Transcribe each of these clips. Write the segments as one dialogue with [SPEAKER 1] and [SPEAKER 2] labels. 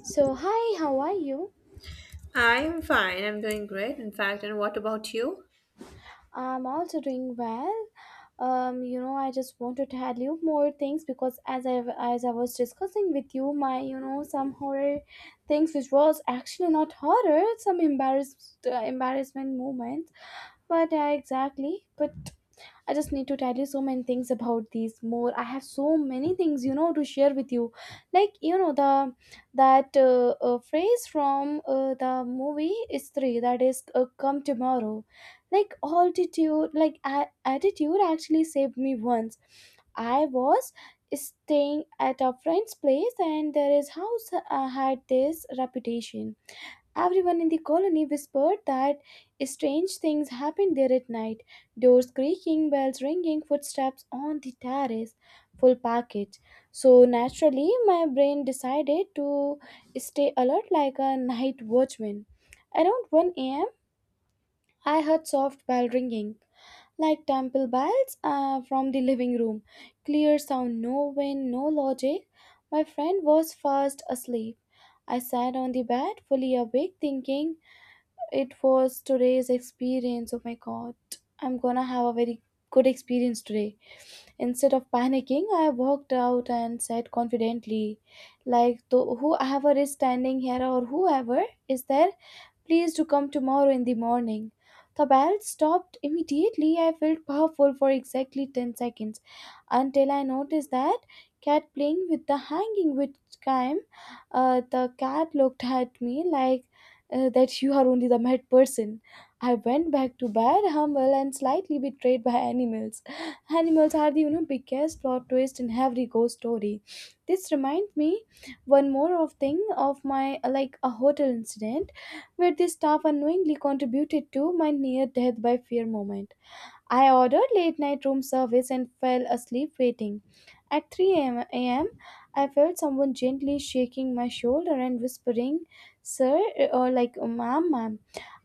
[SPEAKER 1] So, hi, how are you?
[SPEAKER 2] I'm fine. I'm doing great, in fact. And what about you?
[SPEAKER 1] I'm also doing well. I just want to tell you more things because as I was discussing with you, my some horror things which was actually not horror, some embarrassed embarrassment moments. But exactly, but I just need to tell you so many things about these more. I have so many things, you know, to share with you. Like, you know, the that Phrase from the movie is that is come tomorrow. Like altitude, attitude actually saved me once. I was staying at a friend's place, and there is house had this reputation. Everyone in the colony whispered that strange things happened there at night: doors creaking, bells ringing, footsteps on the terrace, full package. So naturally, my brain decided to stay alert like a night watchman. Around 1 a.m., I heard soft bell ringing, like temple bells from the living room. Clear sound, no wind, no logic. My friend was fast asleep. I sat on the bed, fully awake, thinking it was today's experience. Oh my god. I'm gonna have a very good experience today. Instead of panicking, I walked out and said confidently, like, "To whoever is standing here or whoever is there, please do come tomorrow in the morning." The bell stopped immediately. I felt powerful for exactly 10 seconds until I noticed that cat playing with the hanging, which time the cat looked at me like that you are only the mad person. I went back to bed humble and slightly betrayed by animals. Animals are the, you know, biggest plot twist in every ghost story. This reminds me one more of thing of my like a hotel incident where the staff unknowingly contributed to my near death by fear moment. I ordered late night room service and fell asleep waiting. At 3 a.m., I felt someone gently shaking my shoulder and whispering, "Sir," or like, "Ma'am, ma'am."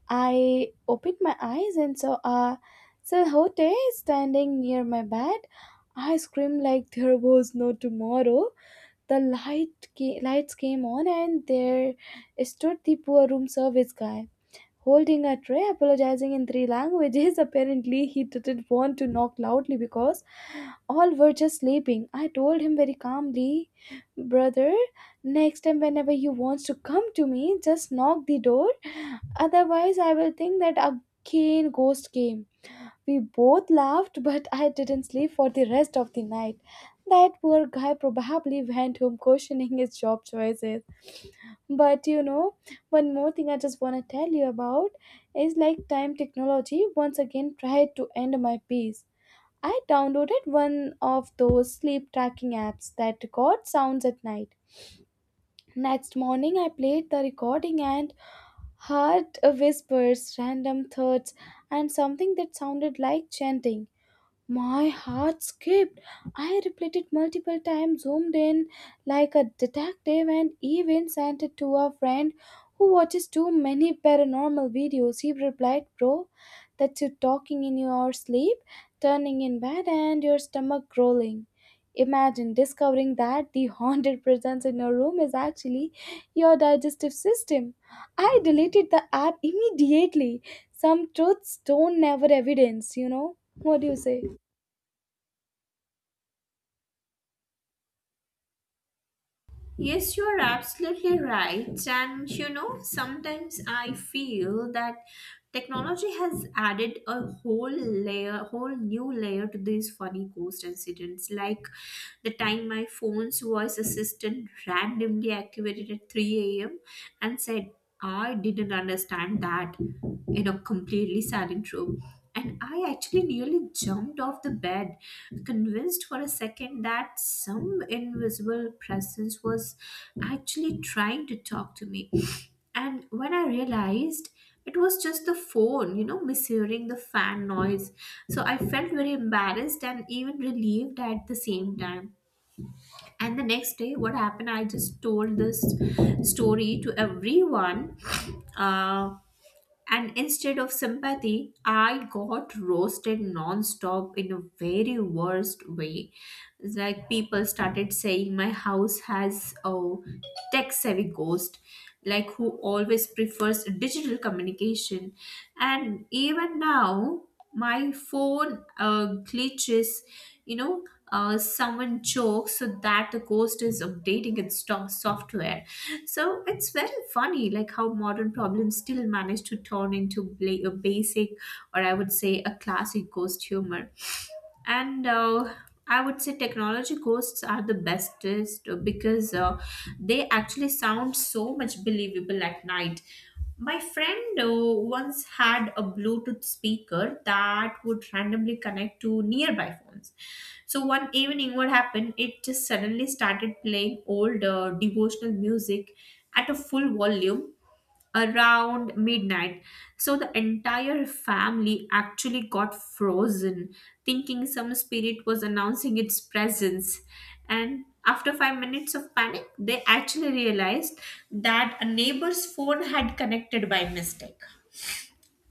[SPEAKER 1] I opened my eyes and saw a silhouette standing near my bed. I screamed like there was no tomorrow. The lights came on, and there stood the poor room service guy, holding a tray, apologizing in three languages. Apparently he didn't want to knock loudly because all were just sleeping. I told him very calmly, "Brother, next time whenever you wants to come to me, just knock the door. Otherwise, I will think that again ghost came." We both laughed, but I didn't sleep for the rest of the night. That poor guy probably went home questioning his job choices. But you know, one more thing I just want to tell you about is like time technology once again tried to end my peace. I downloaded one of those sleep tracking apps that record sounds at night. Next morning, I played the recording and heard whispers, random thoughts, and something that sounded like chanting. My heart skipped. I repeated multiple times, zoomed in like a detective, and even sent it to a friend who watches too many paranormal videos. He replied, "Bro, that's you talking in your sleep, turning in bed, and your stomach growling." Imagine discovering that the haunted presence in your room is actually your digestive system. I deleted the app immediately. Some truths don't never evidence, you know? What do you say?
[SPEAKER 2] Yes, you are absolutely right. And you know, sometimes I feel that technology has added a whole layer, whole new layer to these funny ghost incidents, like the time my phone's voice assistant randomly activated at 3 a.m. and said, I didn't understand that in a completely silent room. And I actually nearly jumped off the bed, convinced for a second that some invisible presence was actually trying to talk to me. And when I realized it was just the phone, you know, mishearing the fan noise. So I felt very embarrassed and even relieved at the same time. And the next day, what happened? I just told this story to everyone. Uh, and instead of sympathy, I got roasted non-stop in a very worst way. It's like people started saying my house has a tech-savvy ghost, like who always prefers digital communication. And even now, my phone glitches, you know, someone jokes so that the ghost is updating its software, so it's very funny like how modern problems still manage to turn into a basic, or I would say a classic ghost humor. And I would say technology ghosts are the bestest, because they actually sound so much believable at night. My friend once had a Bluetooth speaker that would randomly connect to nearby phones. So one evening, what happened? It just suddenly started playing old devotional music at a full volume around midnight. So the entire family actually got frozen, thinking some spirit was announcing its presence. And after 5 minutes of panic, they actually realized that a neighbor's phone had connected by mistake.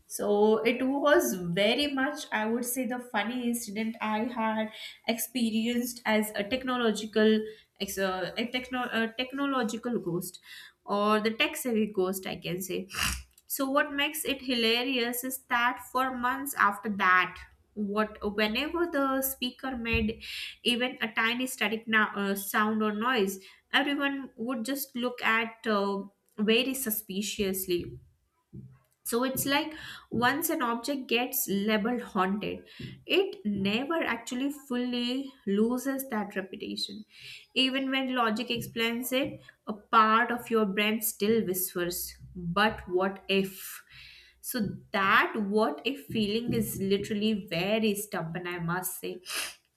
[SPEAKER 2] So it was very much, I would say, the funny incident I had experienced as a technological, a technological ghost, or the tech savvy ghost, I can say. So what makes it hilarious is that for months after that, what whenever the speaker made even a tiny static sound or noise, everyone would just look at very suspiciously. So it's like once an object gets labeled haunted, it never actually fully loses that reputation. Even when logic explains it, a part of your brain still whispers, but what if? So that what if feeling is literally very stubborn, I must say.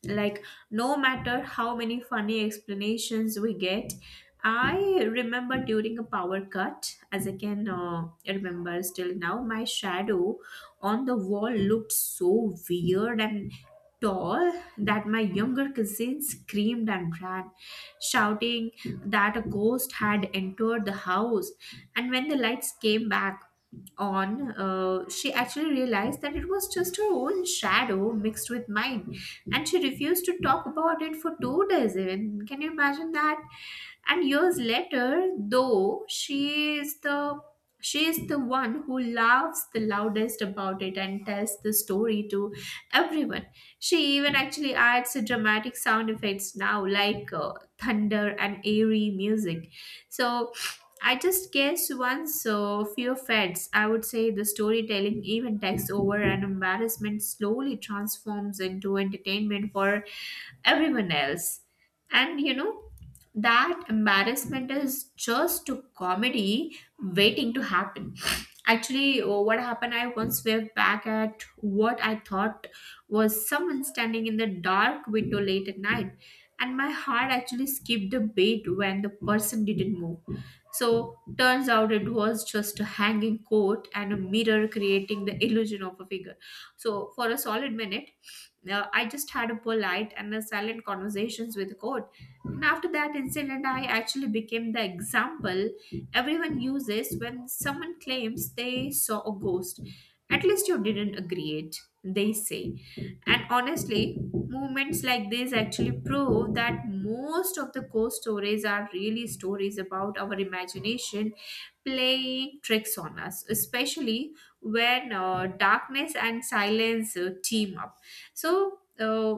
[SPEAKER 2] Like, no matter how many funny explanations we get, I remember during a power cut, as I can remember still now, my shadow on the wall looked so weird and tall that my younger cousin screamed and ran, shouting that a ghost had entered the house. And when the lights came back on, she actually realized that it was just her own shadow mixed with mine, and she refused to talk about it for 2 days. Even can you imagine that? And years later though, she is the one who laughs the loudest about it and tells the story to everyone. She even actually adds dramatic sound effects now, like thunder and airy music. So I just guess once fear fades, I would say the storytelling even takes over and embarrassment slowly transforms into entertainment for everyone else. And you know, that embarrassment is just a comedy waiting to happen. Actually, what happened? I once waved back at what I thought was someone standing in the dark window late at night, and my heart actually skipped a beat when the person didn't move. So, turns out it was just a hanging coat and a mirror creating the illusion of a figure. So, for a solid minute, I just had a polite and a silent conversations with court. And after that incident, I actually became the example everyone uses when someone claims they saw a ghost. At least you didn't agree it, they say. And honestly, moments like this actually prove that most of the ghost stories are really stories about our imagination playing tricks on us, especially when darkness and silence team up. So,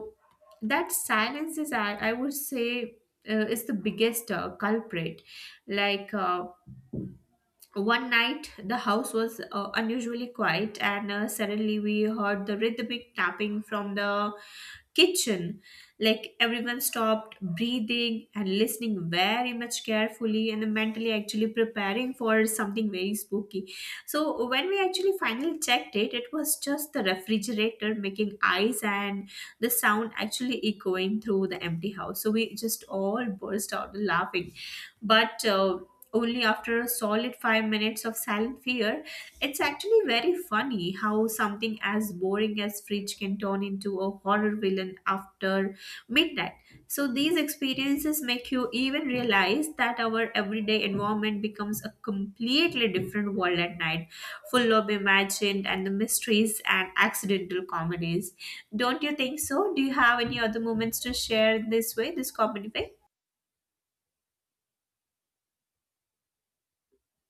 [SPEAKER 2] that silence is, I would say, is the biggest culprit. Like, one night, the house was unusually quiet, and suddenly we heard the rhythmic tapping from the kitchen. Like everyone stopped breathing and listening very much carefully and mentally actually preparing for something very spooky. So when we actually finally checked it, it was just the refrigerator making eyes and the sound actually echoing through the empty house, so we just all burst out laughing, but only after a solid 5 minutes of silent fear. It's actually very funny how something as boring as fridge can turn into a horror villain after midnight. So, these experiences make you even realize that our everyday environment becomes a completely different world at night, full of imagined and the mysteries and accidental comedies. Don't you think so? Do you have any other moments to share this way, this comedy way?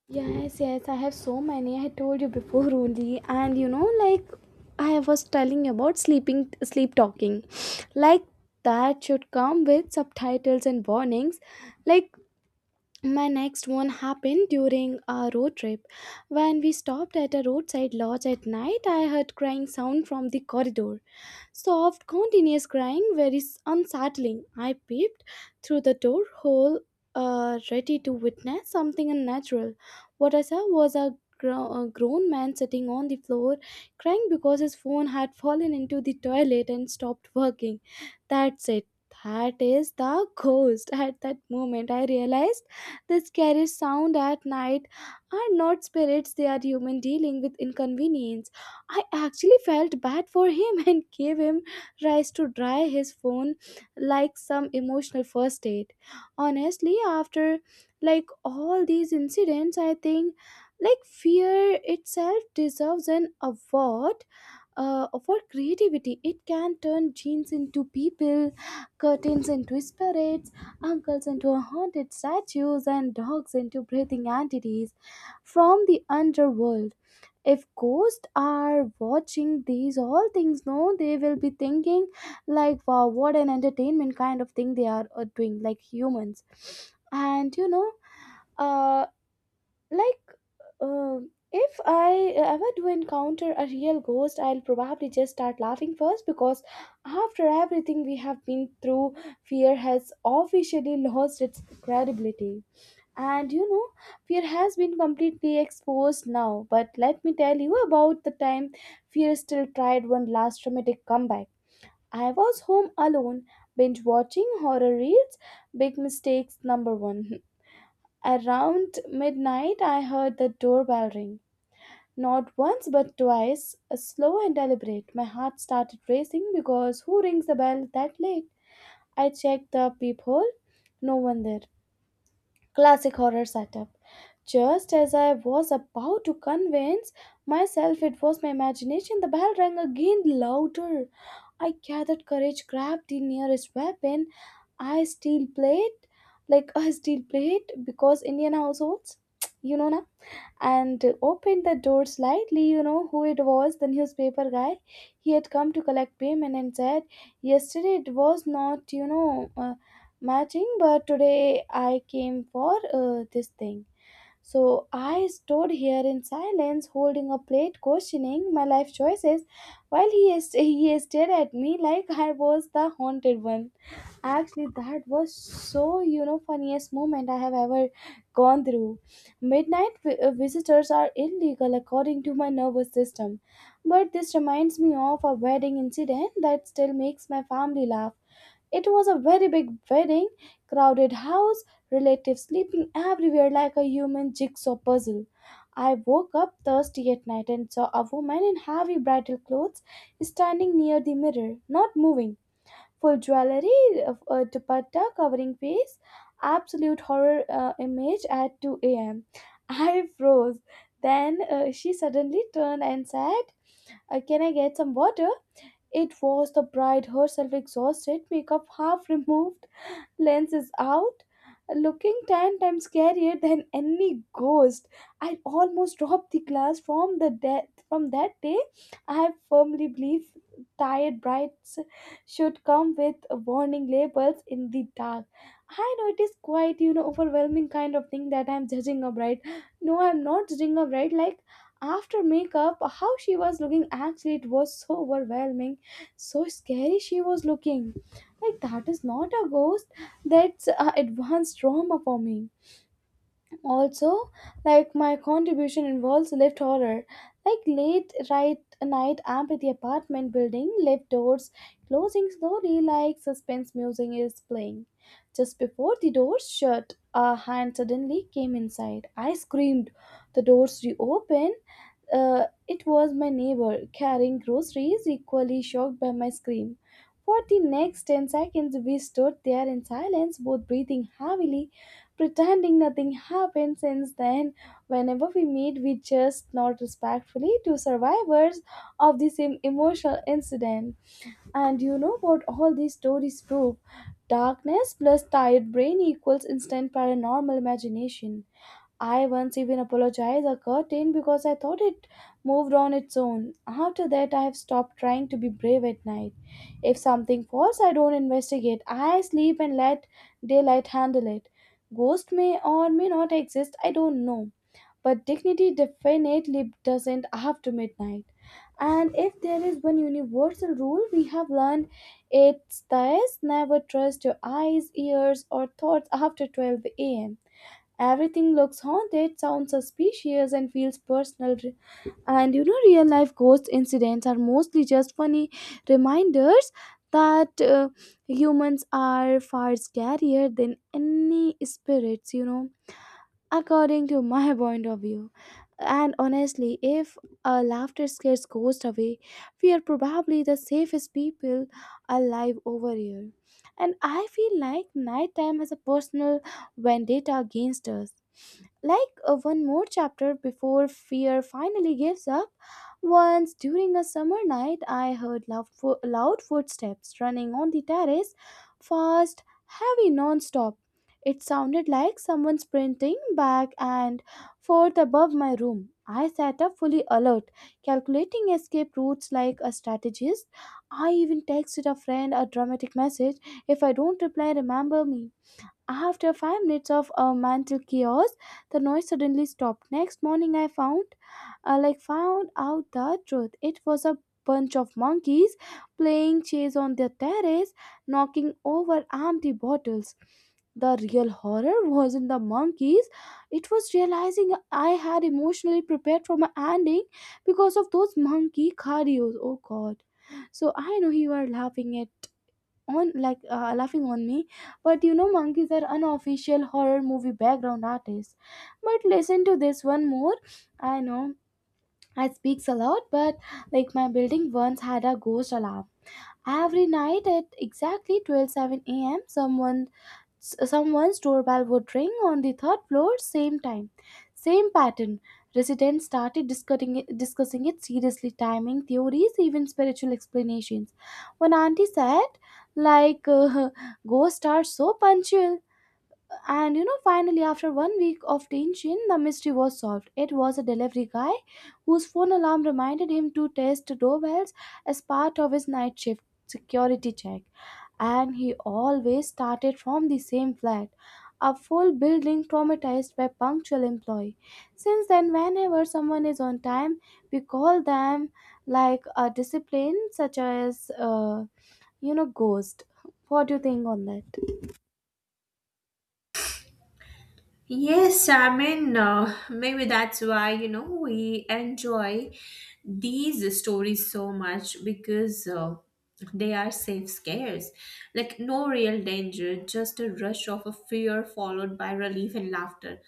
[SPEAKER 1] Yes, yes, I have so many. I told you before only, and you know, like I was telling you about sleeping, sleep talking, like that should come with subtitles and warnings. Like my next one happened during a road trip. When we stopped at a roadside lodge at night, I heard crying sound from the corridor. Soft, continuous crying, unsettling. I peeped through the door hole, ready to witness something unnatural. What I saw was a grown man sitting on the floor, crying because his phone had fallen into the toilet and stopped working. That's it. That is the ghost. At that moment, I realized the scary sound at night are not spirits, they are human dealing with inconvenience. I actually felt bad for him and gave him rice to dry his phone, like some emotional first aid. Honestly, after like all these incidents, I think like fear itself deserves an award for creativity. It can turn jeans into people, curtains into spirits, uncles into haunted statues, and dogs into breathing entities from the underworld. If ghosts are watching these all things, no, they will be thinking like, wow, what an entertainment kind of thing they are doing like humans. And you know, uh, like, if I ever do encounter a real ghost, I'll probably just start laughing first because after everything we have been through, fear has officially lost its credibility. And you know, fear has been completely exposed now, but let me tell you about the time fear still tried one last dramatic comeback. I was home alone, binge watching horror reels, big mistakes number one. Around midnight, I heard the doorbell ring. Not once but twice, slow and deliberate. My heart started racing because who rings the bell that late? I checked the peephole, no one there. Classic horror setup. Just as I was about to convince myself it was my imagination, the bell rang again louder. I gathered courage, grabbed the nearest weapon, I steel plate, like a steel plate, because Indian households, you know, na, and opened the door slightly. You know who it was, the newspaper guy. He had come to collect payment and said, "Yesterday it was not, you know, matching, but today I came for this thing." So I stood here in silence, holding a plate, questioning my life choices, while he stared at me like I was the haunted one. Actually, that was so, you know, funniest moment I have ever gone through. Midnight visitors are illegal according to my nervous system. But this reminds me of a wedding incident that still makes my family laugh. It was a very big wedding, crowded house, relatives sleeping everywhere like a human jigsaw puzzle. I woke up thirsty at night and saw a woman in heavy bridal clothes standing near the mirror, not moving. Full jewelry, a dupatta covering face, absolute horror image at 2 a.m. I froze. Then she suddenly turned and said, can I get some water?" It was the bride herself, exhausted, makeup half removed, lens is out, looking 10 times scarier than any ghost. I almost dropped the glass from that day. I firmly believe tired brides should come with warning labels in the dark. I know it is quite, you know, overwhelming kind of thing that I'm judging a bride. No, I'm not judging a bride. Like after makeup, how she was looking, actually it was so overwhelming, so scary she was looking. Like that is not a ghost, that's advanced trauma for me. Also, like my contribution involves lift horror, like late right night amp at the apartment building lift doors closing slowly like suspense music is playing. Just before the doors shut, a hand suddenly came inside. I screamed. The doors reopened. It was my neighbor carrying groceries, equally shocked by my scream. For the next 10 seconds we stood there in silence, both breathing heavily, pretending nothing happened. Since then, whenever we meet, we just nod respectfully to survivors of the same emotional incident. And you know what all these stories prove? Darkness plus tired brain equals instant paranormal imagination. I once even apologized a curtain because I thought it moved on its own. After that, I have stopped trying to be brave at night. If something falls, I don't investigate. I sleep and let daylight handle it. Ghost may or may not exist, I don't know. But dignity definitely doesn't after midnight. And if there is one universal rule we have learned, it's this: never trust your eyes, ears, or thoughts after 12 am. Everything looks haunted, sounds suspicious, and feels personal. And you know, real life ghost incidents are mostly just funny reminders that humans are far scarier than any spirits, you know, according to my point of view. And honestly, if a laughter scares ghosts away, we are probably the safest people alive over here. And I feel like nighttime has a personal vendetta against us, like one more chapter before fear finally gives up. Once during a summer night, I heard loud footsteps running on the terrace, fast, heavy, non-stop. It sounded like someone sprinting back and forth above my room. I sat up fully alert, calculating escape routes like a strategist. I even texted a friend a dramatic message: if I don't reply, remember me. After 5 minutes of mental chaos, the noise suddenly stopped. Next morning, I found out the truth. It was a bunch of monkeys playing chase on the terrace, knocking over empty bottles. The real horror wasn't the monkeys. It was realizing I had emotionally prepared for my ending because of those monkey cardios. Oh God! So I know you are laughing on me, but monkeys are unofficial horror movie background artists. But listen to this one more. I know I speaks a lot, but like, my building once had a ghost alarm every night at exactly 12 a.m. someone Someone's doorbell would ring on the third floor, same time, same pattern. Residents started discussing it seriously, timing theories, even spiritual explanations. One auntie said, like uh, ghosts are so punctual. And, finally, after 1 week of tension, the mystery was solved. It was a delivery guy whose phone alarm reminded him to test doorbells as part of his night shift security check. And he always started from the same flat, a full building traumatized by punctual employee. Since then, whenever someone is on time, we call them like a discipline, such as, ghost. What do you think on that?
[SPEAKER 2] Yes, I mean, maybe that's why, you know, we enjoy these stories so much because they are safe scares. Like, no real danger, just a rush of a fear followed by relief and laughter.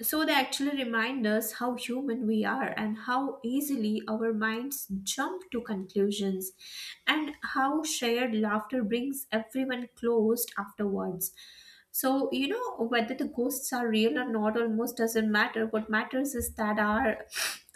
[SPEAKER 2] So they actually remind us how human we are and how easily our minds jump to conclusions and how shared laughter brings everyone close afterwards. So, you know, whether the ghosts are real or not almost doesn't matter. What matters is that our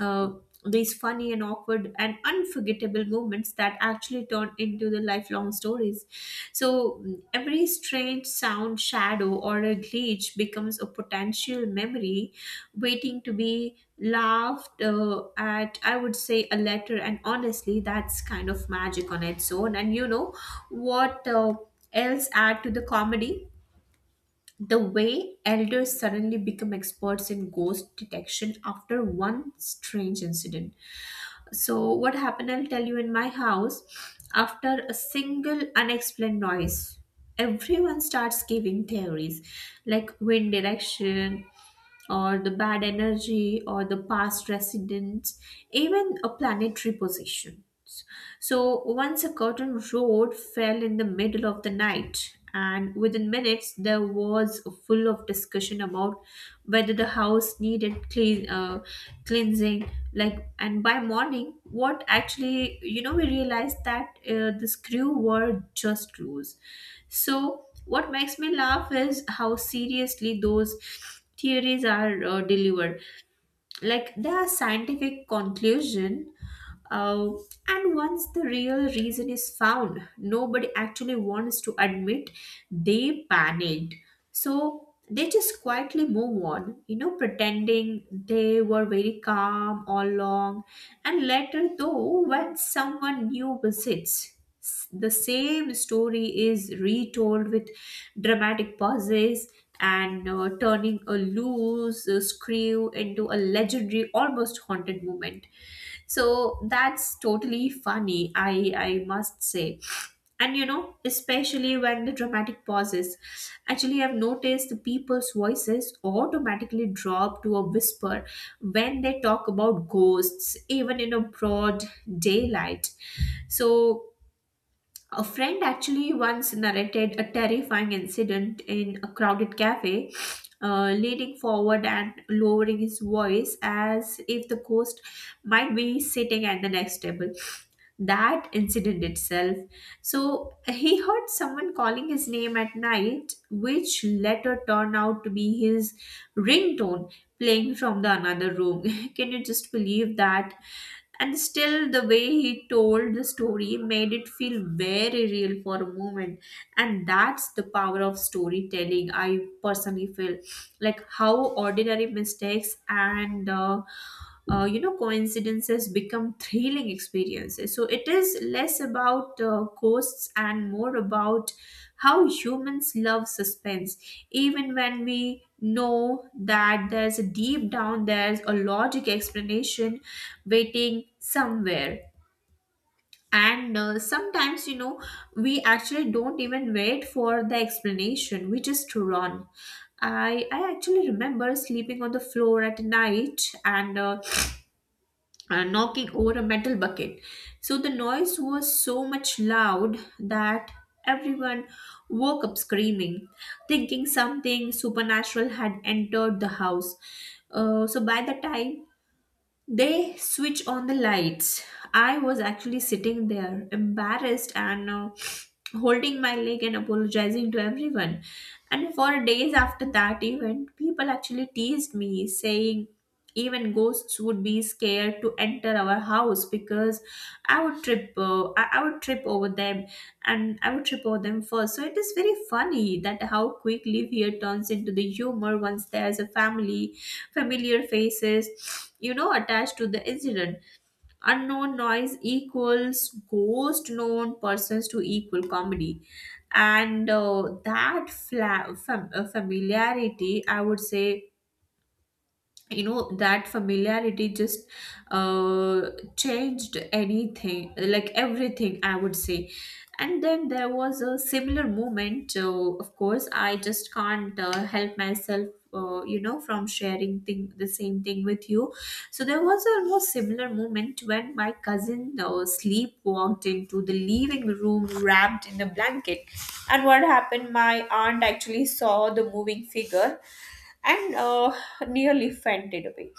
[SPEAKER 2] these funny and awkward and unforgettable moments that actually turn into the lifelong stories. So mm, every strange sound, shadow, or a glitch becomes a potential memory waiting to be laughed at, I would say, a letter. And honestly, that's kind of magic on its own. And you know what else add to the comedy? The way elders suddenly become experts in ghost detection after one strange incident. So, what happened, I'll tell you, in my house, after a single unexplained noise, everyone starts giving theories like wind direction, or the bad energy or the past residents, even a planetary position. So once a curtain road fell in the middle of the night, and within minutes there was full of discussion about whether the house needed cleansing. Like, and by morning, what actually, you know, we realized that the screw were just loose. So what makes me laugh is how seriously those theories are delivered, like there are scientific conclusion. uh, and once the real reason is found, nobody actually wants to admit they panicked, so they just quietly move on, you know, pretending they were very calm all along. And later, though, when someone new visits, the same story is retold with dramatic pauses and turning a loose screw into a legendary, almost haunted moment. So that's totally funny, I must say. And you know, especially when the dramatic pauses, actually, I've noticed the people's voices automatically drop to a whisper when they talk about ghosts, even in a broad daylight. So, a friend actually once narrated a terrifying incident in a crowded cafe, leaning forward and lowering his voice as if the ghost might be sitting at the next table, that incident itself. So he heard someone calling his name at night, which later turned out to be his ringtone playing from the another room. Can you just believe that? And still, the way he told the story made it feel very real for a moment. And that's the power of storytelling. I personally feel like how ordinary mistakes and you know, coincidences become thrilling experiences, so it is less about ghosts and more about how humans love suspense, even when we know that there's a deep down, there's a logic explanation waiting somewhere. And Sometimes, you know, we actually don't even wait for the explanation, we just run. I actually remember sleeping on the floor at night and knocking over a metal bucket. So the noise was so much loud that everyone woke up screaming, thinking something supernatural had entered the house. So by the time they switch on the lights. I was actually sitting there, embarrassed and holding my leg and apologizing to everyone. And for days after that event, people actually teased me, saying even ghosts would be scared to enter our house because I would trip. I would trip over them, and I would trip over them first. So it is very funny that how quickly fear turns into the humor once there's a family familiar faces, you know, attached to the incident. Unknown noise equals ghost known persons to equal comedy. And familiarity, I would say, you know that familiarity just uh, changed anything, like everything I would say. And then there was a similar moment. Of course, I just can't help myself, you know, from sharing thing the same thing with you. So there was a almost similar moment when my cousin sleep walked into the living room wrapped in a blanket. And what happened, my aunt actually saw the moving figure and nearly fainted away.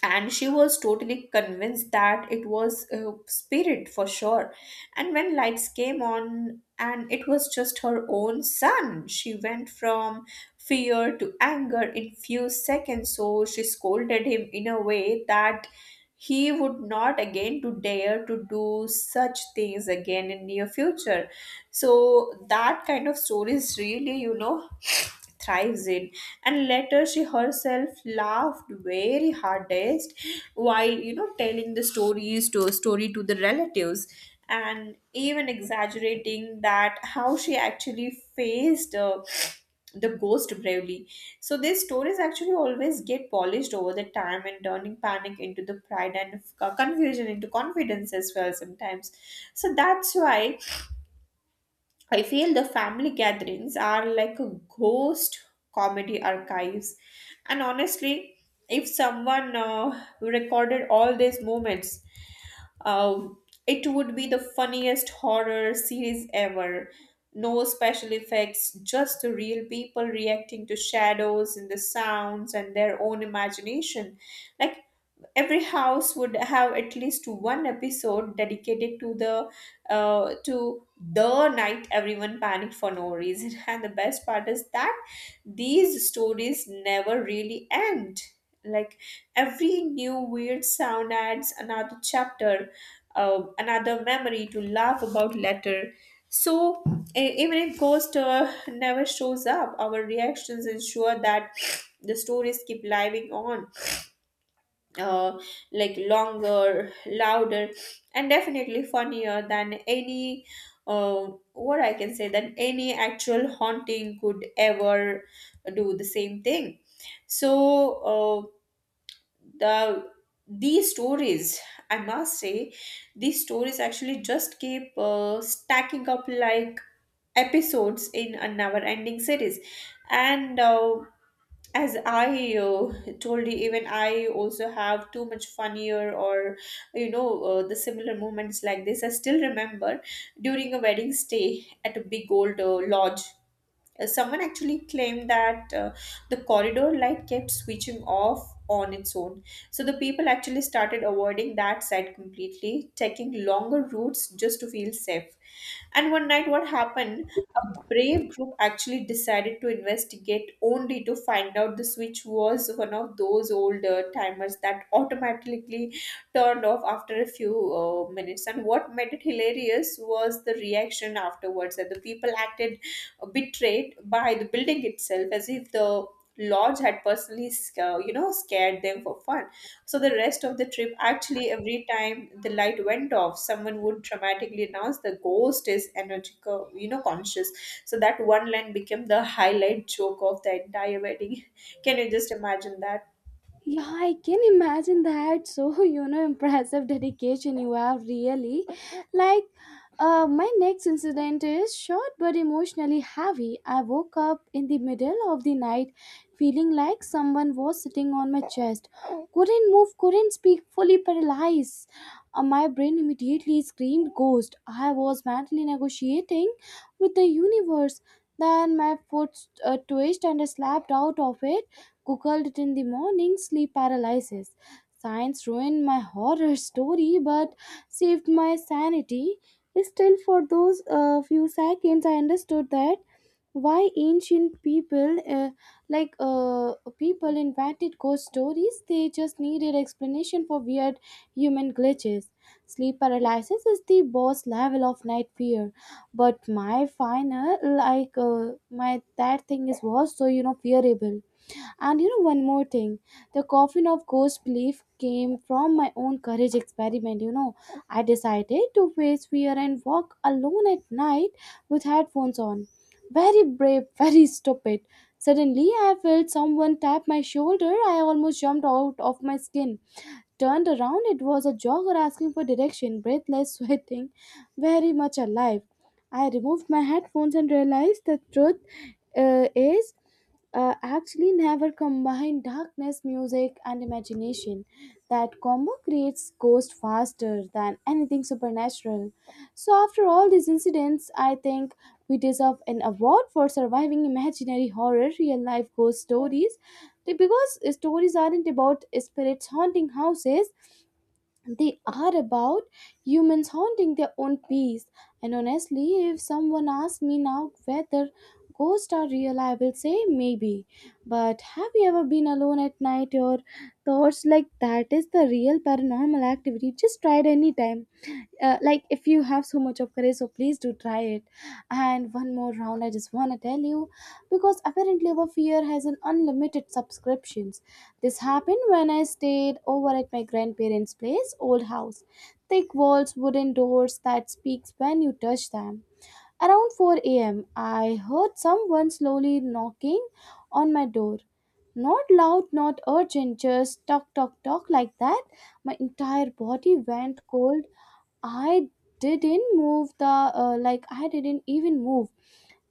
[SPEAKER 2] And she was totally convinced that it was a spirit for sure. And when lights came on and it was just her own son, she went from fear to anger in few seconds. So she scolded him in a way that he would not again to dare to do such things again in near future. So that kind of stories really, you know, thrives in. And later she herself laughed very hardest while, you know, telling the stories to story to the relatives and even exaggerating that how she actually faced the ghost bravely. So these stories actually always get polished over the time, and turning panic into the pride and confusion into confidence as well sometimes. So that's why I feel the family gatherings are like a ghost comedy archives. And honestly, if someone recorded all these moments, uh, it would be the funniest horror series ever. No special effects, just the real people reacting to shadows and the sounds and their own imagination. Like every house would have at least one episode dedicated to uh, to the night everyone panicked for no reason. And the best part is that these stories never really end, like every new weird sound adds another chapter, another memory to laugh about later. So even if ghost never shows up, our reactions ensure that the stories keep living on, uh, like longer, louder, and definitely funnier than any uh, what I can say than any actual haunting could ever do the same thing. So uh, the these stories, I must say, these stories actually just keep stacking up like episodes in a never-ending series, and. As I told you, even I also have too much funnier or you know the similar moments like this. I still remember during a wedding stay at a big old lodge. Someone actually claimed that the corridor light kept switching off on its own. So the people actually started avoiding that side completely, taking longer routes just to feel safe. And one night, what happened? A brave group actually decided to investigate, only to find out the switch was one of those old timers that automatically turned off after a few minutes. And what made it hilarious was the reaction afterwards, that the people acted betrayed by the building itself, as if the lodge had you know, scared them for fun. So the rest of the trip, actually every time the light went off, someone would dramatically announce the ghost is energical, you know, conscious. So that one line became the highlight joke of the entire wedding. Can you just imagine that?
[SPEAKER 1] Yeah, I can imagine that. So, impressive dedication you have really. Like, my next incident is short but emotionally heavy. I woke up in the middle of the night feeling like someone was sitting on my chest. Couldn't move, couldn't speak, fully paralyzed. My brain immediately screamed ghost. I was mentally negotiating with the universe. Then my foot twitched and I slapped out of it. Googled it in the morning: sleep paralysis. Science ruined my horror story but saved my sanity. Still, for those few seconds, I understood that why ancient people, uh, like uh, people, invented ghost stories. They just needed explanation for weird human glitches. Sleep paralysis is the boss level of night fear, but my final, my that thing is was so fearable. And, one more thing, the coffin of ghost belief came from my own courage experiment. I decided to face fear and walk alone at night with headphones on. Very brave, very stupid. Suddenly, I felt someone tap my shoulder. I almost jumped out of my skin. Turned around, it was a jogger asking for direction, breathless, sweating, very much alive. I removed my headphones and realized the truth is, actually, never combine darkness, music, and imagination. That combo creates ghosts faster than anything supernatural. So after all these incidents, I think we deserve an award for surviving imaginary horror, real life ghost stories, because stories aren't about spirits haunting houses. They are about humans haunting their own peace. And honestly, if someone asks me now whether ghosts are real, I will say maybe. But have you ever been alone at night, or thoughts like that is the real paranormal activity. Just try it anytime. Like, if you have so much of courage, so please do try it. And one more round, I just want to tell you, because apparently our fear has an unlimited subscriptions. This happened when I stayed over at my grandparents' place, old house. Thick walls, wooden doors that speaks when you touch them. Around 4 a.m., I heard someone slowly knocking on my door. Not loud, not urgent, just talk, talk, talk like that. My entire body went cold. I I didn't even move.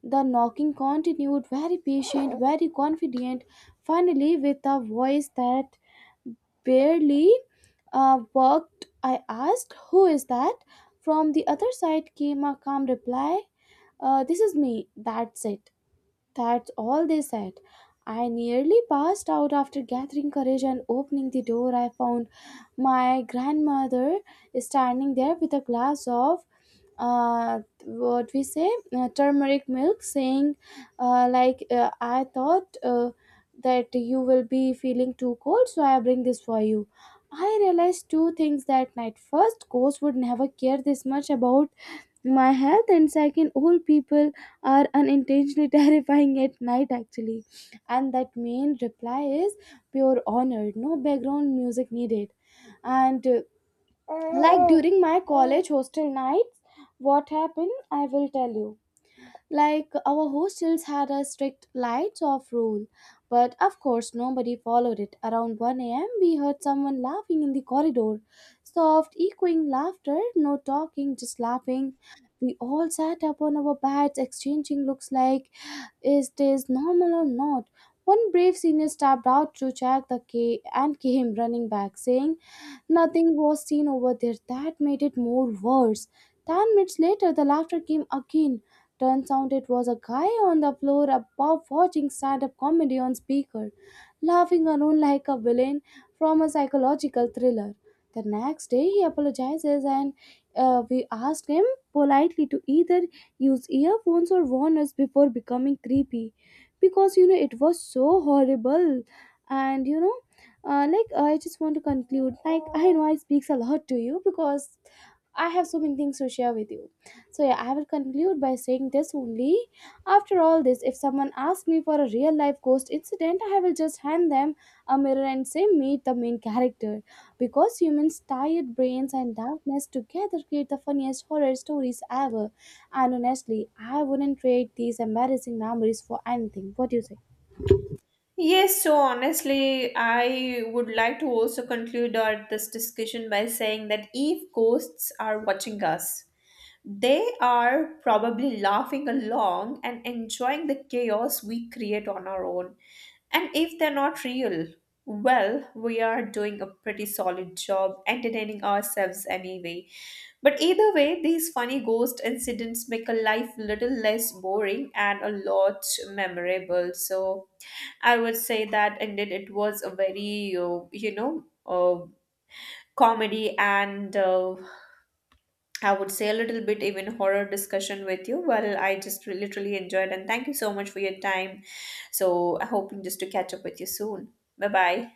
[SPEAKER 1] The knocking continued, very patient, very confident. Finally, with a voice that barely worked, I asked, "Who is that?" From the other side came a calm reply, "This is me, that's it." That's all they said. I nearly passed out. After gathering courage and opening the door, I found my grandmother standing there with a glass of what we say turmeric milk, saying, like, I thought that you will be feeling too cold, so I bring this for you. I realized two things that night. First, ghosts would never care this much about my health, and second, old people are unintentionally terrifying at night, actually. And that main reply is pure honor, no background music needed. And like, during my college hostel nights, what happened, I will tell you. Like, our hostels had a strict lights off rule, but of course nobody followed it. Around 1 a.m., we heard someone laughing in the corridor. Soft, echoing laughter, no talking, just laughing. We all sat up on our beds, exchanging looks like, is this normal or not? One brave senior stepped out to check the key and came running back, saying nothing was seen over there. That made it more worse. 10 minutes later, the laughter came again. Turns out it was a guy on the floor above watching stand up comedy on speaker, laughing alone like a villain from a psychological thriller. The next day he apologizes, and we ask him politely to either use earphones or warn us before becoming creepy, because it was so horrible. And like, I just want to conclude. Like, I know I speaks a lot to you, because I have so many things to share with you. So yeah, I will conclude by saying this only. After all this, if someone asks me for a real life ghost incident, I will just hand them a mirror and say, "Meet the main character." Because humans tired brains and darkness together create the funniest horror stories ever. And honestly, I wouldn't trade these embarrassing memories for anything. What do you say?
[SPEAKER 2] Yes, so honestly, I would like to also conclude our, this discussion by saying that if ghosts are watching us, they are probably laughing along and enjoying the chaos we create on our own. And if they're not real, well, we are doing a pretty solid job entertaining ourselves anyway. But either way, these funny ghost incidents make a life little less boring and a lot memorable. So I would say that indeed it was a very, comedy, and I would say a little bit even horror discussion with you. Well, I just literally enjoyed, and thank you so much for your time. So, I hoping just to catch up with you soon. Bye bye.